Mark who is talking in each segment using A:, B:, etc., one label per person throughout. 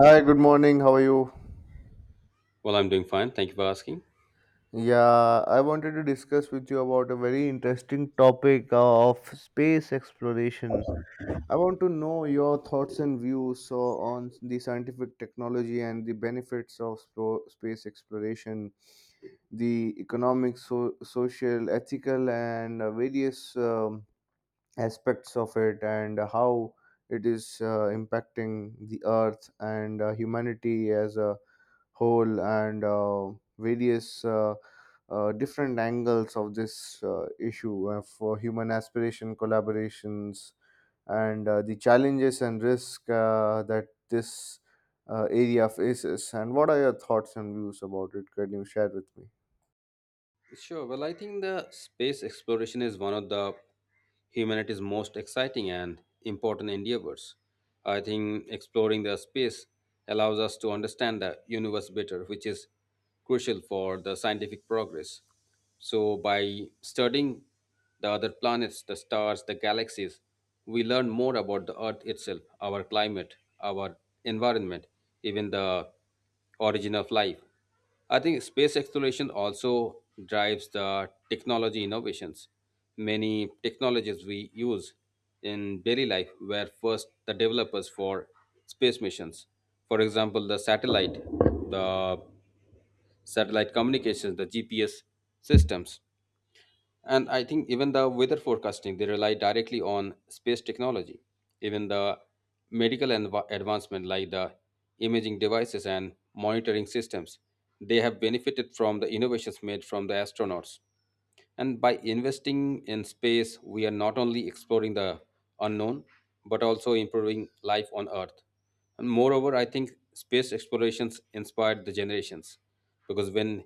A: Hi, good morning. How are you?
B: Well, I'm doing fine. Thank you for asking.
A: Yeah, I wanted to discuss with you about a very interesting topic of space exploration. I want to know your thoughts and views so on the scientific technology and the benefits of space exploration, the economic, social, ethical, and various aspects of it, and how it is impacting the Earth and humanity as a whole and various different angles of this issue for human aspiration collaborations and the challenges and risk that this area faces, and what are your thoughts and views about it? Can you share with me?
B: Sure. Well, I think the space exploration is one of the humanity's most exciting and important endeavors. I think exploring the space allows us to understand the universe better, which is crucial for the scientific progress. So, by studying the other planets, the stars, the galaxies, we learn more about the Earth itself, our climate, our environment, even the origin of life. I think space exploration also drives the technology innovations. Many technologies we use in daily life were first the developers for space missions. For example, the satellite communications, the GPS systems. And I think even the weather forecasting, they rely directly on space technology. Even the advancement like the imaging devices and monitoring systems, they have benefited from the innovations made from the astronauts. And by investing in space, we are not only exploring the unknown, but also improving life on Earth. And moreover, I think space explorations inspired the generations because when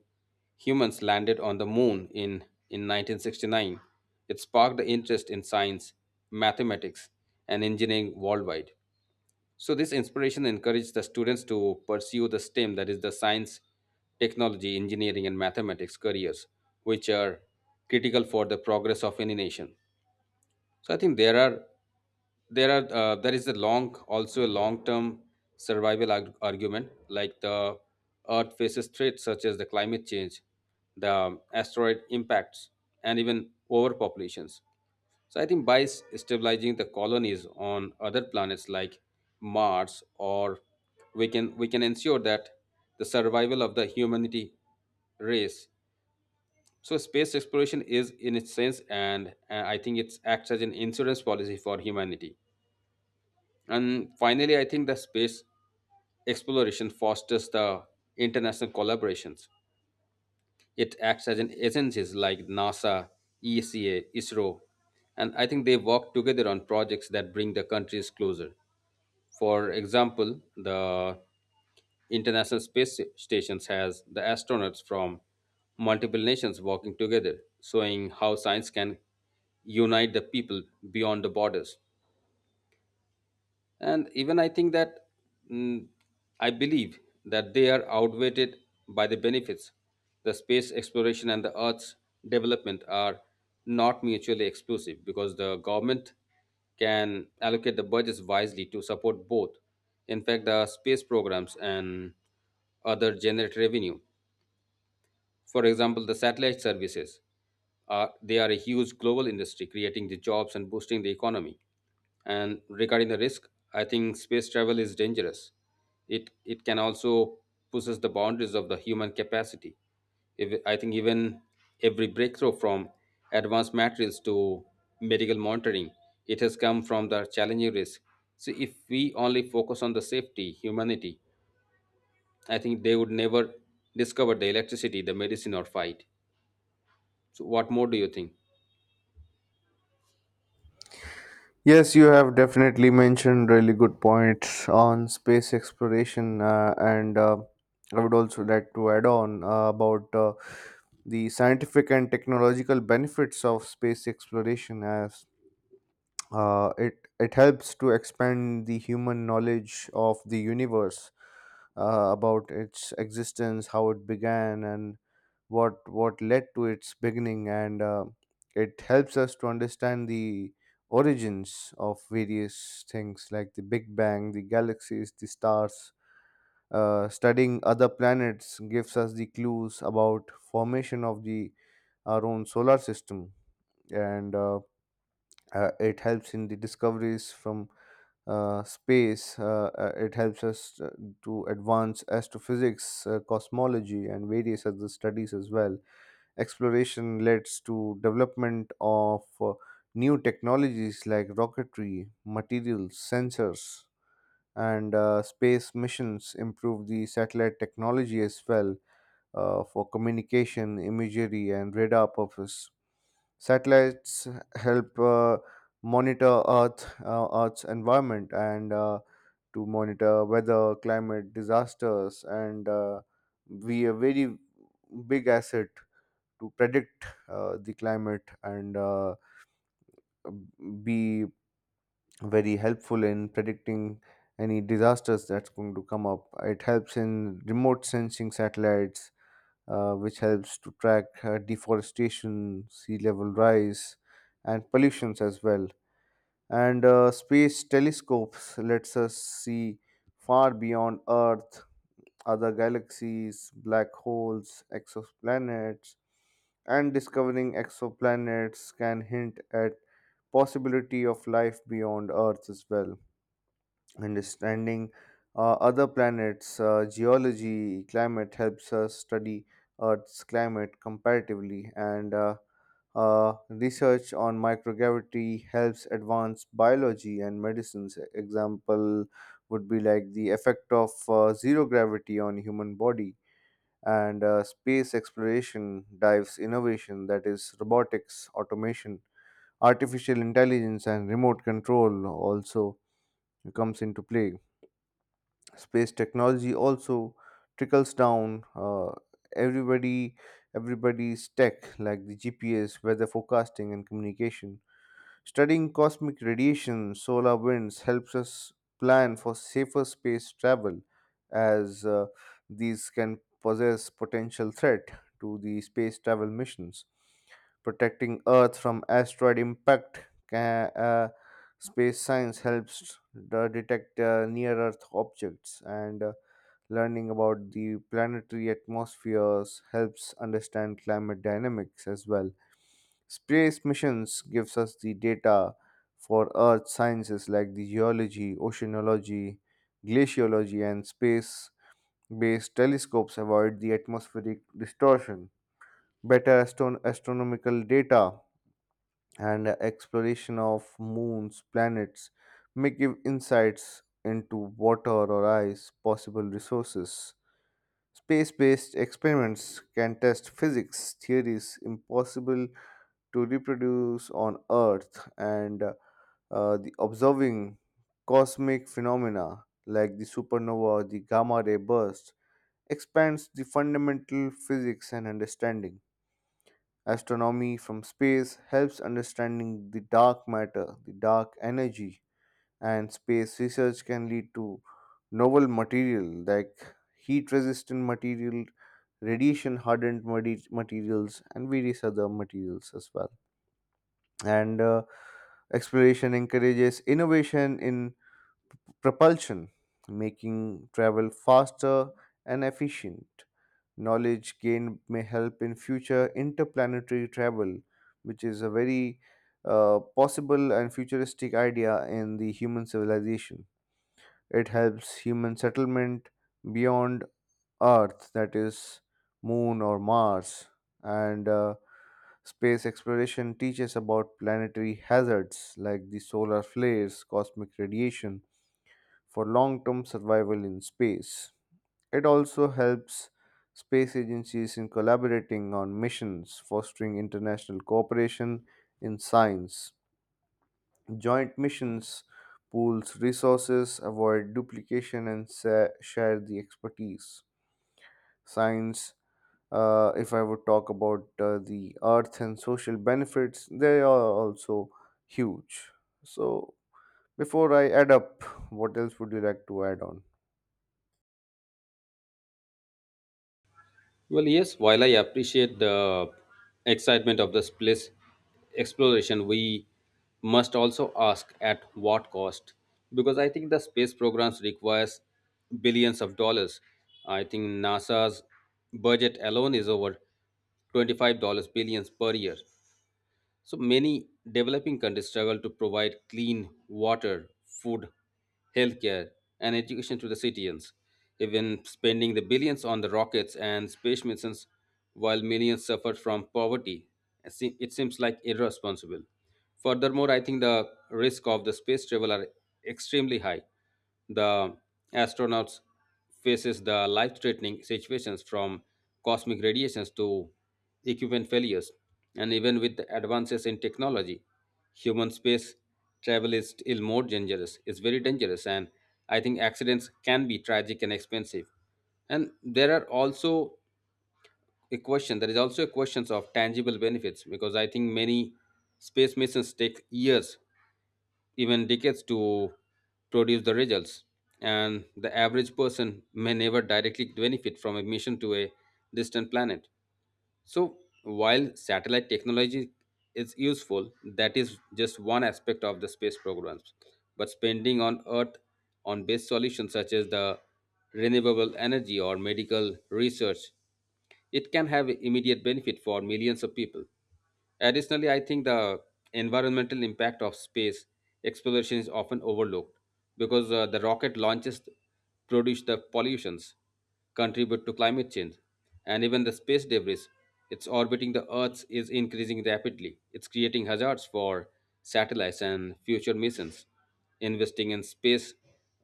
B: humans landed on the moon in 1969, it sparked the interest in science, mathematics, and engineering worldwide. So this inspiration encouraged the students to pursue the STEM, that is the science, technology, engineering, and mathematics careers, which are critical for the progress of any nation. So I think there is a long also a long term survival argument like the Earth faces threats such as the climate change, the asteroid impacts, and even overpopulations. So I think by stabilizing the colonies on other planets like Mars, or we can ensure that the survival of the humanity race. So space exploration is in its sense, and I think it acts as an insurance policy for humanity. And finally, I think the space exploration fosters the international collaborations. It acts as an agencies like NASA, ESA, ISRO, and I think they work together on projects that bring the countries closer. For example, the International Space Station has the astronauts from multiple nations working together, showing how science can unite the people beyond the borders. And even I think that mm, I believe that they are outweighed by the benefits. The space exploration and the earth's development are not mutually exclusive because the government can allocate the budgets wisely to support both. In fact, the space programs and other generate revenue. For example, the satellite services are, they are a huge global industry, creating the jobs and boosting the economy. And regarding the risk, I think space travel is dangerous. It can also pushes the boundaries of the human capacity. If, I think even every breakthrough from advanced materials to medical monitoring, it has come from the challenging risk. So if we only focus on the safety, humanity, I think they would never discover the electricity, the medicine, or fight. So, what more do you think?
A: Yes, you have definitely mentioned really good points on space exploration, and I would also like to add on about the scientific and technological benefits of space exploration as it helps to expand the human knowledge of the universe, about its existence, how it began, and what led to its beginning. And it helps us to understand the origins of various things like the big bang, the galaxies, the stars. Studying other planets gives us the clues about formation of the our own solar system, and it helps in the discoveries from space. It helps us to advance astrophysics, cosmology, and various other studies as well. Exploration leads to development of new technologies like rocketry, materials, sensors, and space missions improve the satellite technology as well, for communication, imagery, and radar purpose. Satellites help monitor Earth, Earth's environment, and to monitor weather, climate, disasters, and be a very big asset to predict the climate, and be very helpful in predicting any disasters that's going to come up. It helps in remote sensing satellites, which helps to track deforestation, sea level rise, and pollutions as well. And space telescopes lets us see far beyond Earth, other galaxies, black holes, exoplanets, and discovering exoplanets can hint at possibility of life beyond Earth as well. Understanding other planets' geology, climate helps us study Earth's climate comparatively, and research on microgravity helps advance biology and medicines. Example would be like the effect of zero gravity on human body, and space exploration dives innovation, that is, robotics, automation, artificial intelligence, and remote control also comes into play. Space technology also trickles down everybody everybody's tech like the gps, weather forecasting, and communication. Studying cosmic radiation, solar winds helps us plan for safer space travel, as these can possess potential threat to the space travel missions. Protecting Earth from asteroid impact, space science helps the detect near Earth objects, and learning about the planetary atmospheres helps understand climate dynamics as well. Space missions gives us the data for earth sciences like the geology, oceanology, glaciology, and space based telescopes avoid the atmospheric distortion. Better astronomical data, and exploration of moons, planets may give insights into water or ice possible resources. Space based experiments can test physics theories impossible to reproduce on Earth, and the observing cosmic phenomena like the supernova, the gamma ray burst expands the fundamental physics and understanding. Astronomy from space helps understanding the dark matter, the dark energy, and space research can lead to novel material like heat resistant material, radiation hardened materials, and various other materials as well. And exploration encourages innovation in propulsion, making travel faster and efficient. Knowledge gained may help in future interplanetary travel, which is a very possible and futuristic idea in the human civilization. It helps human settlement beyond Earth, that is, Moon or Mars, and space exploration teaches about planetary hazards like the solar flares, cosmic radiation for long term survival in space. It also helps space agencies in collaborating on missions, fostering international cooperation in science. Joint missions pools resources, avoid duplication, and share the expertise. Science. If I would talk about the earth and social benefits, they are also huge. So, before I add up, what else would you like to add on?
B: Well, yes, while I appreciate the excitement of the space exploration, we must also ask at what cost? Because I think the space programs requires billions of dollars. I think NASA's budget alone is over $25 billions per year. So many developing countries struggle to provide clean water, food, healthcare, and education to the citizens, even spending the billions on the rockets and space missions while millions suffer from poverty. It seems like irresponsible. Furthermore, I think the risk of the space travel are extremely high. The astronauts faces the life-threatening situations from cosmic radiations to equipment failures, and even with the advances in technology, human space travel is still more dangerous. It's very dangerous, and I think accidents can be tragic and expensive. And there are also a question. There is also a question of tangible benefits because I think many space missions take years, even decades to produce the results. And the average person may never directly benefit from a mission to a distant planet. So, while satellite technology is useful, that is just one aspect of the space programs. But spending on Earth on base solutions such as the renewable energy or medical research, it can have immediate benefit for millions of people. Additionally, I think the environmental impact of space exploration is often overlooked because the rocket launches produce the pollutions, contribute to climate change, and even the space debris. It's orbiting the Earth is increasing rapidly. It's creating hazards for satellites and future missions. Investing in space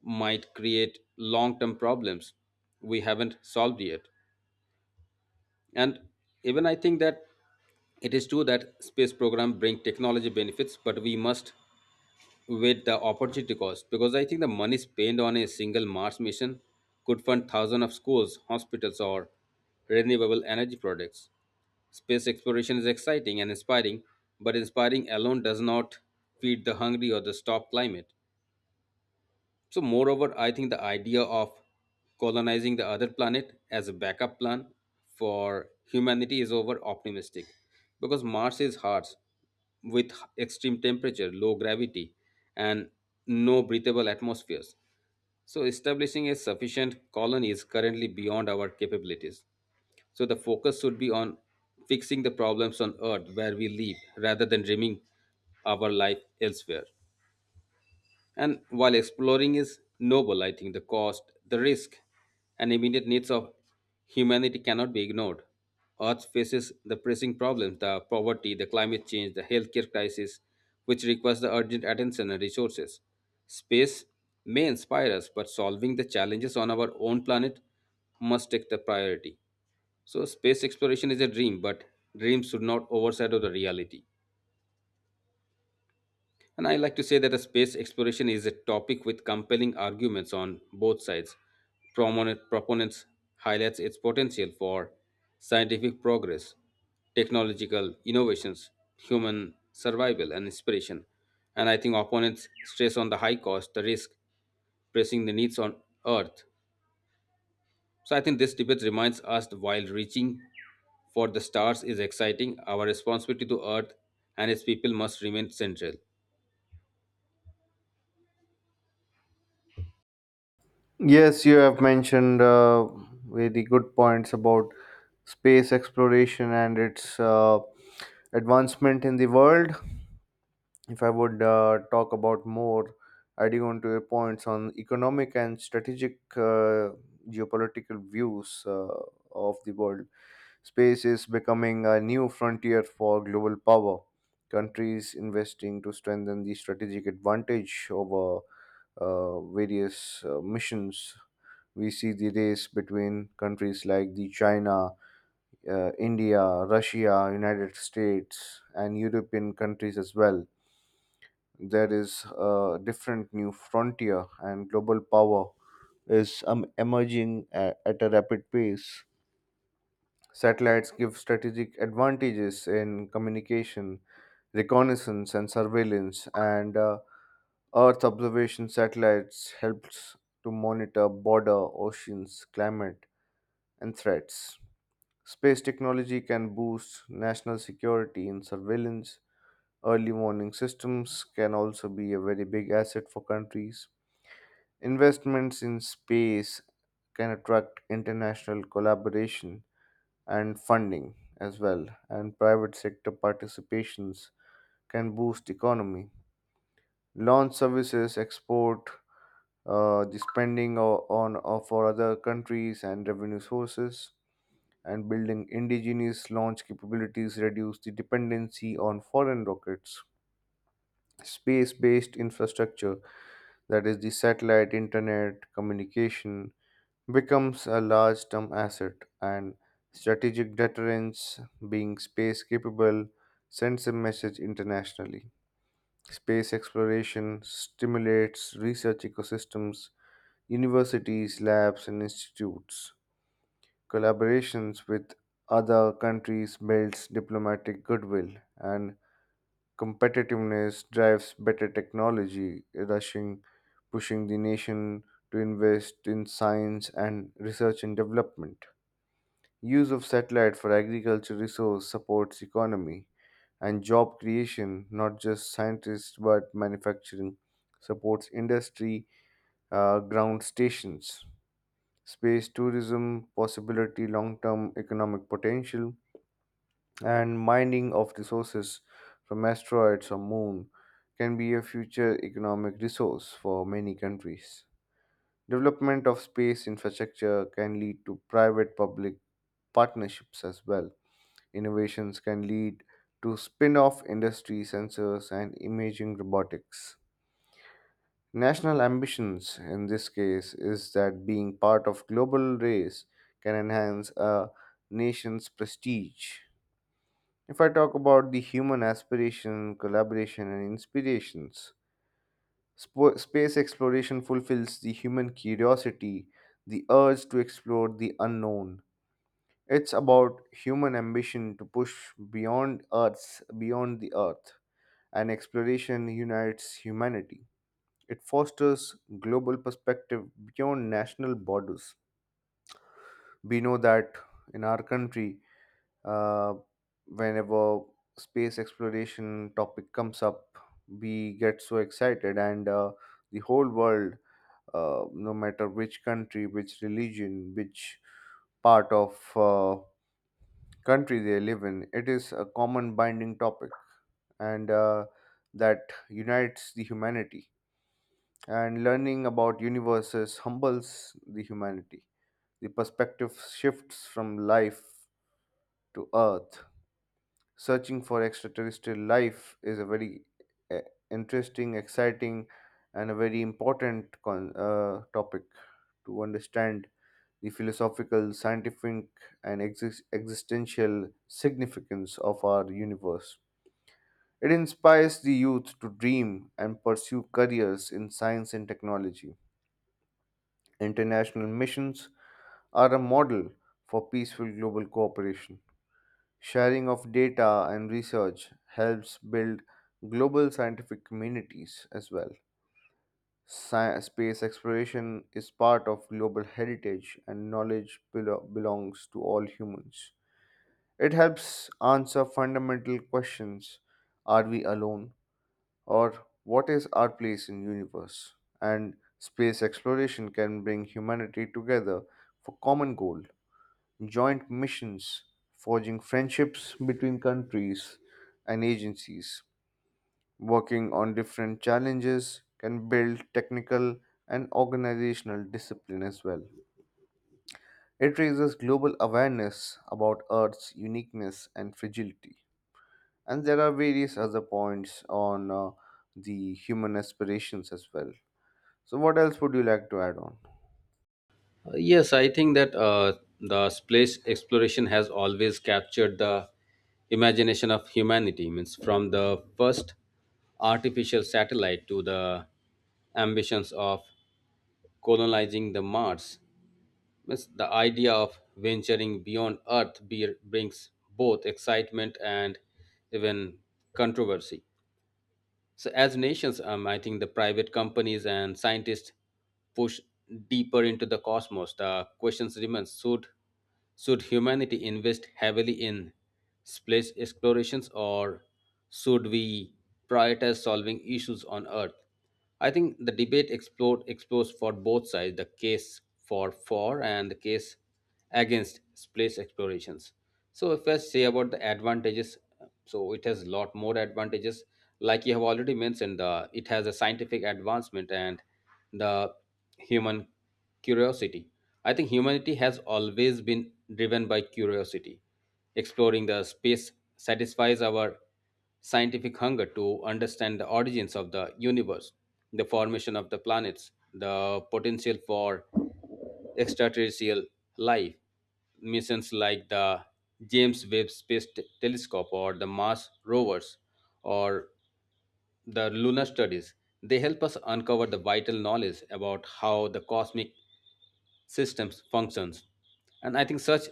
B: might create long-term problems we haven't solved yet. And even I think that it is true that space program bring technology benefits, but we must weigh the opportunity cost because I think the money spent on a single Mars mission could fund thousands of schools, hospitals, or renewable energy projects. Space exploration is exciting and inspiring, but inspiring alone does not feed the hungry or the stop climate. So, moreover, I think the idea of colonizing the other planet as a backup plan for humanity is over optimistic because Mars is harsh with extreme temperature, low gravity, and no breathable atmospheres. So, establishing a sufficient colony is currently beyond our capabilities. So, the focus should be on fixing the problems on Earth where we live rather than dreaming our life elsewhere. And while exploring is noble, I think the cost, the risk, and immediate needs of humanity cannot be ignored. Earth faces the pressing problems, the poverty, the climate change, the healthcare crisis, which requires the urgent attention and resources. Space may inspire us, but solving the challenges on our own planet must take the priority. So, space exploration is a dream, but dreams should not overshadow the reality. And I like to say that a space exploration is a topic with compelling arguments on both sides. Prominent proponents highlights its potential for scientific progress, technological innovations, human survival and inspiration. And I think opponents stress on the high cost, the risk, pressing the needs on earth. So I think this debate reminds us that while reaching for the stars is exciting, our responsibility to earth and its people must remain central.
A: Yes, you have mentioned very good points about space exploration and its advancement in the world. If I would talk about more, adding on to your points on economic and strategic geopolitical views of the world, space is becoming a new frontier for global power. Countries investing to strengthen the strategic advantage over various missions. We see the race between countries like the China, India, Russia, United States, and European countries as well. There is a different new frontier, and global power is emerging at a rapid pace. Satellites give strategic advantages in communication, reconnaissance, and surveillance, and Earth observation satellites helps to monitor border, oceans, climate, and threats. Space technology can boost national security in surveillance. Early warning systems can also be a very big asset for countries. Investments in space can attract international collaboration and funding as well, and private sector participations can boost economy. Launch services export the spending on for other countries and revenue sources, and building indigenous launch capabilities reduce the dependency on foreign rockets. Space based infrastructure, that is, the satellite, internet, communication, becomes a large term asset, and strategic deterrence, being space capable, sends a message internationally. Space exploration stimulates research ecosystems, universities, labs, and institutes. Collaborations with other countries builds diplomatic goodwill, and competitiveness drives better technology, rushing, pushing the nation to invest in science and research and development. Use of satellite for agriculture resource supports economy and job creation, not just scientists but manufacturing, supports industry, ground stations. Space tourism possibility, long term economic potential, and mining of resources from asteroids or moon can be a future economic resource for many countries. Development of space infrastructure can lead to private public partnerships as well. Innovations can lead to spin off industry sensors and imaging robotics. National ambitions in this case is that being part of global race can enhance a nation's prestige. If I talk about the human aspiration, collaboration, and inspirations, space exploration fulfills the human curiosity, the urge to explore the unknown. It's about human ambition to push beyond Earth's, beyond the Earth, and exploration unites humanity. It fosters global perspective beyond national borders. We know that in our country, uh, whenever space exploration topic comes up, we get so excited, and the whole world, no matter which country, which religion, which part of country they live in, it is a common binding topic, and that unites the humanity, and learning about universes humbles the humanity, the perspective shifts from life to earth. Searching for extraterrestrial life is a very uh, interesting, exciting, and a very important topic to understand the philosophical, scientific, and existential significance of our universe. It inspires the youth to dream and pursue careers in science and technology. International missions are a model for peaceful global cooperation. Sharing of data and research helps build global scientific communities as well. Space exploration is part of global heritage, and knowledge belongs to all humans. It helps answer fundamental questions: are we alone, or what is our place in universe? And space exploration can bring humanity together for common goal, joint missions, forging friendships between countries and agencies, working on different challenges can build technical and organizational discipline as well. It raises global awareness about Earth's uniqueness and fragility. And there are various other points on the human aspirations as well. So, what else would you like to add on?
B: Yes, I think that the space exploration has always captured the imagination of humanity. Means from the first artificial satellite to the ambitions of colonizing the Mars. Means the idea of venturing beyond Earth brings both excitement and even controversy. So, as nations, I think the private companies and scientists push deeper into the cosmos. The questions remain: Should humanity invest heavily in space explorations, or should we prioritize solving issues on Earth? I think the debate explores for both sides the case for and the case against space explorations. So if I say about the advantages, so it has a lot more advantages. Like you have already mentioned, the it has a scientific advancement and the human curiosity. I think humanity has always been driven by curiosity. Exploring the space satisfies our scientific hunger to understand the origins of the universe, the formation of the planets, the potential for extraterrestrial life. Missions like the James Webb Space Telescope or the Mars rovers or the lunar studies, they help us uncover the vital knowledge about how the cosmic systems functions. And I think such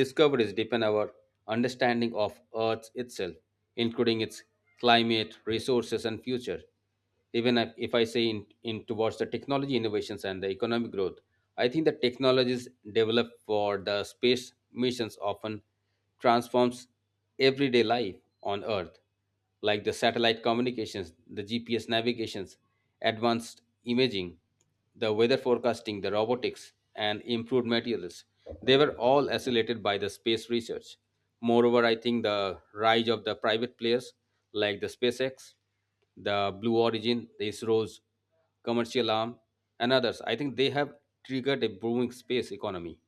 B: discoveries deepen our understanding of earth itself, including its climate resources and future. Even if I say in towards the technology innovations and the economic growth, I think the technologies developed for the space missions often transforms everyday life on earth like the satellite communications, the GPS navigations, advanced imaging, the weather forecasting, the robotics, and improved materials. They were all accelerated by the space research. Moreover, I think the rise of the private players like the SpaceX, the Blue Origin, the ISRO's commercial arm, and others, I think they have triggered a booming space economy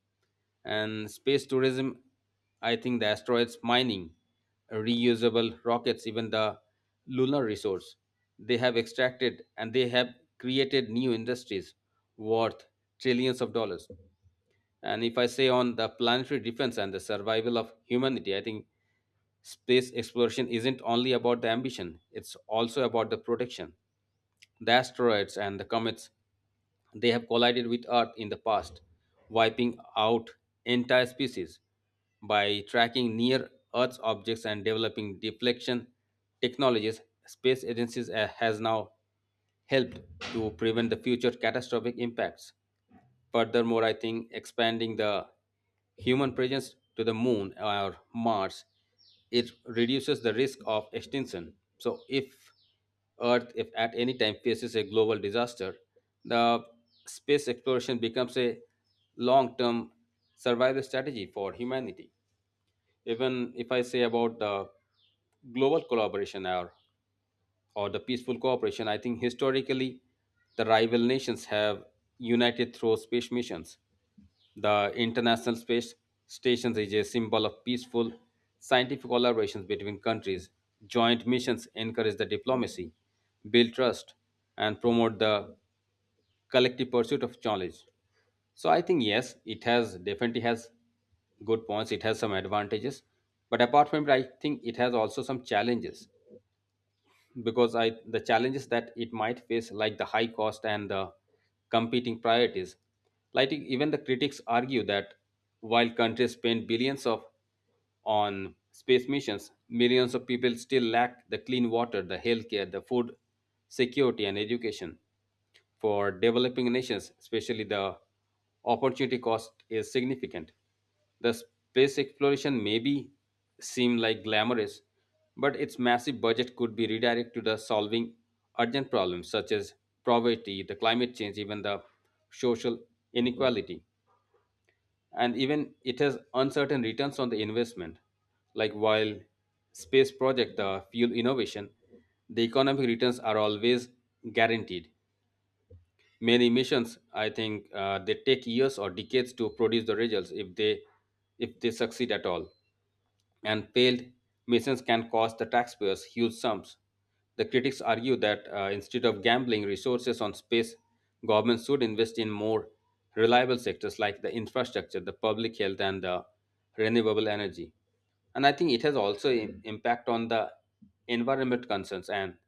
B: and space tourism. I think the asteroids mining, reusable rockets, even the lunar resource, they have extracted and they have created new industries worth trillions of dollars. And if I say on the planetary defense and the survival of humanity, I think space exploration isn't only about the ambition, it's also about the protection. The asteroids and the comets, they have collided with Earth in the past, wiping out entire species. By tracking near Earth's objects and developing deflection technologies, space agencies has now helped to prevent the future catastrophic impacts. Furthermore, I think expanding the human presence to the moon or Mars, it reduces the risk of extinction. So if Earth, if at any time faces a global disaster, the space exploration becomes a long-term survival strategy for humanity. Even if I say about the global collaboration or the peaceful cooperation, I think historically the rival nations have united through space missions. The International Space Station is a symbol of peaceful scientific collaborations between countries. Joint missions encourage the diplomacy, build trust, and promote the collective pursuit of knowledge. So I think yes, it has definitely has good points. It has some advantages, but apart from it, I think it has also some challenges because I the challenges that it might face, like the high cost and the competing priorities. Like even the critics argue that while countries spend billions of on space missions, millions of people still lack the clean water, the healthcare, the food security, and education. For developing nations, especially the opportunity cost is significant. The space exploration may be seem like glamorous, but its massive budget could be redirected to the solving urgent problems such as poverty, the climate change, even the social inequality, and even it has uncertain returns on the investment. Like while space project, the fuel innovation, the economic returns are always guaranteed. Many missions I think they take years or decades to produce the results if they succeed at all. And failed missions can cost the taxpayers huge sums. The critics argue that instead of gambling resources on space, governments should invest in more reliable sectors like the infrastructure, the public health, and the renewable energy. And I think it has also impact on the environment concerns and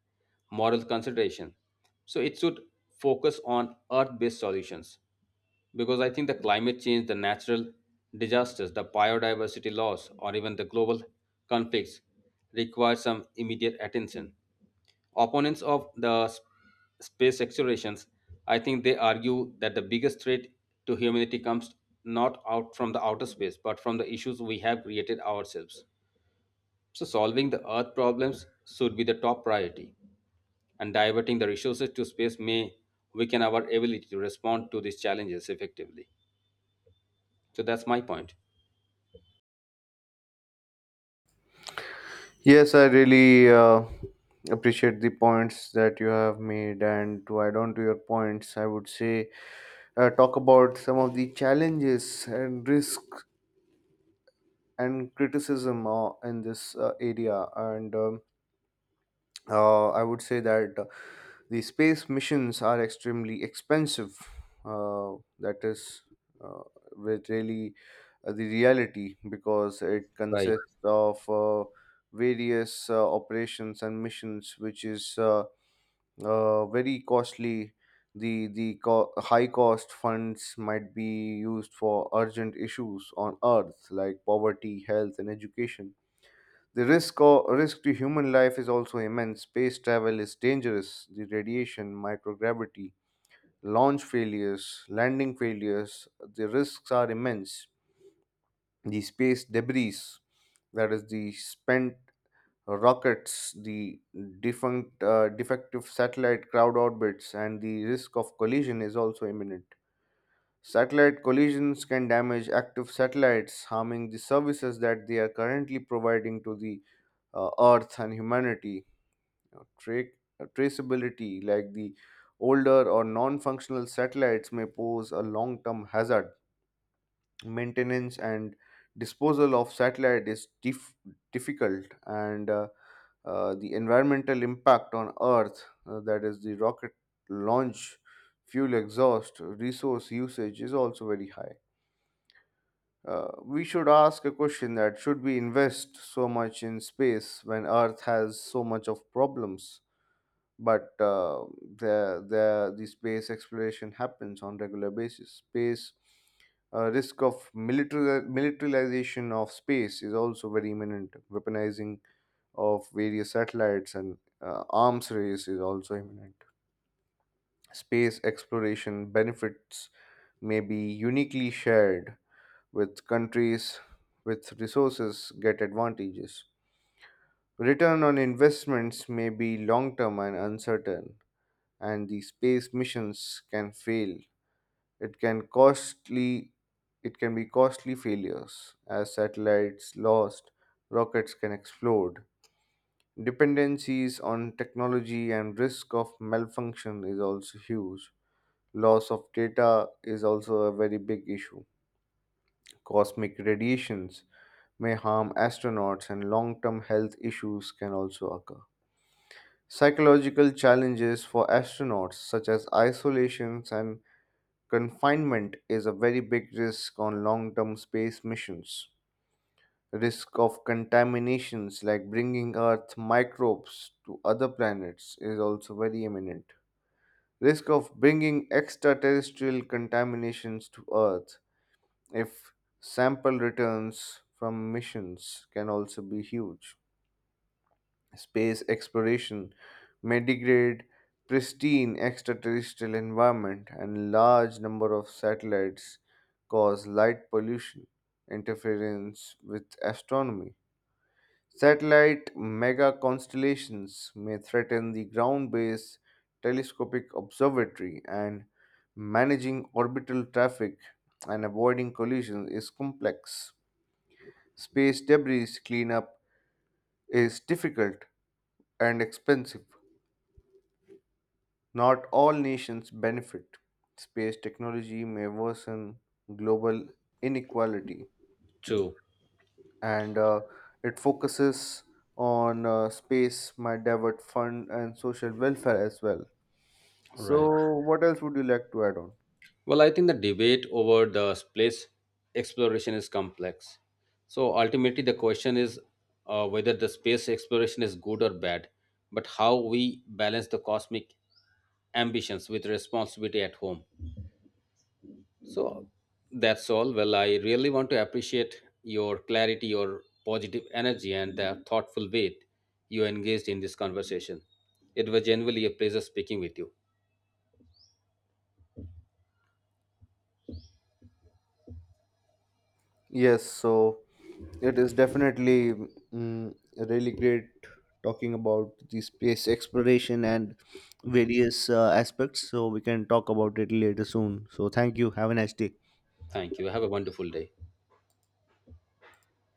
B: moral consideration. So it should focus on earth-based solutions because I think the climate change, the natural disasters, the biodiversity loss, or even the global conflicts require some immediate attention. Opponents of the space explorations, I think they argue that the biggest threat to humanity comes not out from the outer space, but from the issues we have created ourselves. So solving the earth problems should be the top priority, and diverting the resources to space may weaken our ability to respond to these challenges effectively. So that's my point.
A: Yes, I really appreciate the points that you have made. And to add on to your points, I would say talk about some of the challenges and risks and criticism in this area. And I would say that the space missions are extremely expensive. That is uh, with really the reality because it
B: Right.
A: consists of various operations and missions, which is very costly. High cost funds might be used for urgent issues on Earth like poverty, health, and education. The risk, risk to human life is also immense. Space travel is dangerous. The radiation, microgravity, launch failures, landing failures, the risks are immense. The space debris, that is, the spent rockets, the defunct, defective satellite crowd orbits, and the risk of collision is also imminent. Satellite collisions can damage active satellites, harming the services that they are currently providing to the Earth and humanity. Know, traceability, like the older or non functional satellites, may pose a long term hazard. Maintenance and disposal of satellite is difficult, and the environmental impact on Earth, that is, the rocket launch, fuel exhaust, resource usage, is also very high. We should ask a question: that should we invest so much in space when Earth has so much of problems? But the space exploration happens on regular basis. Space risk of militarization of space is also very imminent. Weaponizing of various satellites and arms race is also imminent. Space exploration benefits may be uniquely shared with countries with resources get advantages. Return on investments may be long term and uncertain, and the space missions can fail. It can costly, it can be costly failures as satellites lost, rockets can explode. Dependencies on technology and risk of malfunction is also huge. Loss of data is also a very big issue. Cosmic radiations may harm astronauts, and long-term health issues can also occur. Psychological challenges for astronauts, such as isolations and confinement, is a very big risk on long term space missions. Risk of contaminations like bringing Earth microbes to other planets is also very imminent. Risk of bringing extraterrestrial contaminations to Earth if sample returns from missions can also be huge. Space exploration may degrade pristine extraterrestrial environment, and large number of satellites cause light pollution, interference with astronomy. Satellite mega constellations may threaten the ground-based telescopic observatory, and managing orbital traffic and avoiding collisions is complex. Space debris cleanup is difficult and expensive. Not all nations benefit. Space technology may worsen global inequality,
B: True.
A: and it focuses on space might divert fund and social welfare as well. So,
B: Right.
A: what else would you like to add on?
B: Well, I think the debate over the space exploration is complex. So ultimately, the question is whether the space exploration is good or bad, but how we balance the cosmic ambitions with responsibility at home. So that's all. Well, I really want to appreciate your clarity, your positive energy, and the thoughtful way you engaged in this conversation. It was genuinely a pleasure speaking with you.
A: Yes, so it is definitely really great talking about the space exploration and various aspects. So, we can talk about it later soon. So, thank you. Have a nice day.
B: Thank you. Have a wonderful day.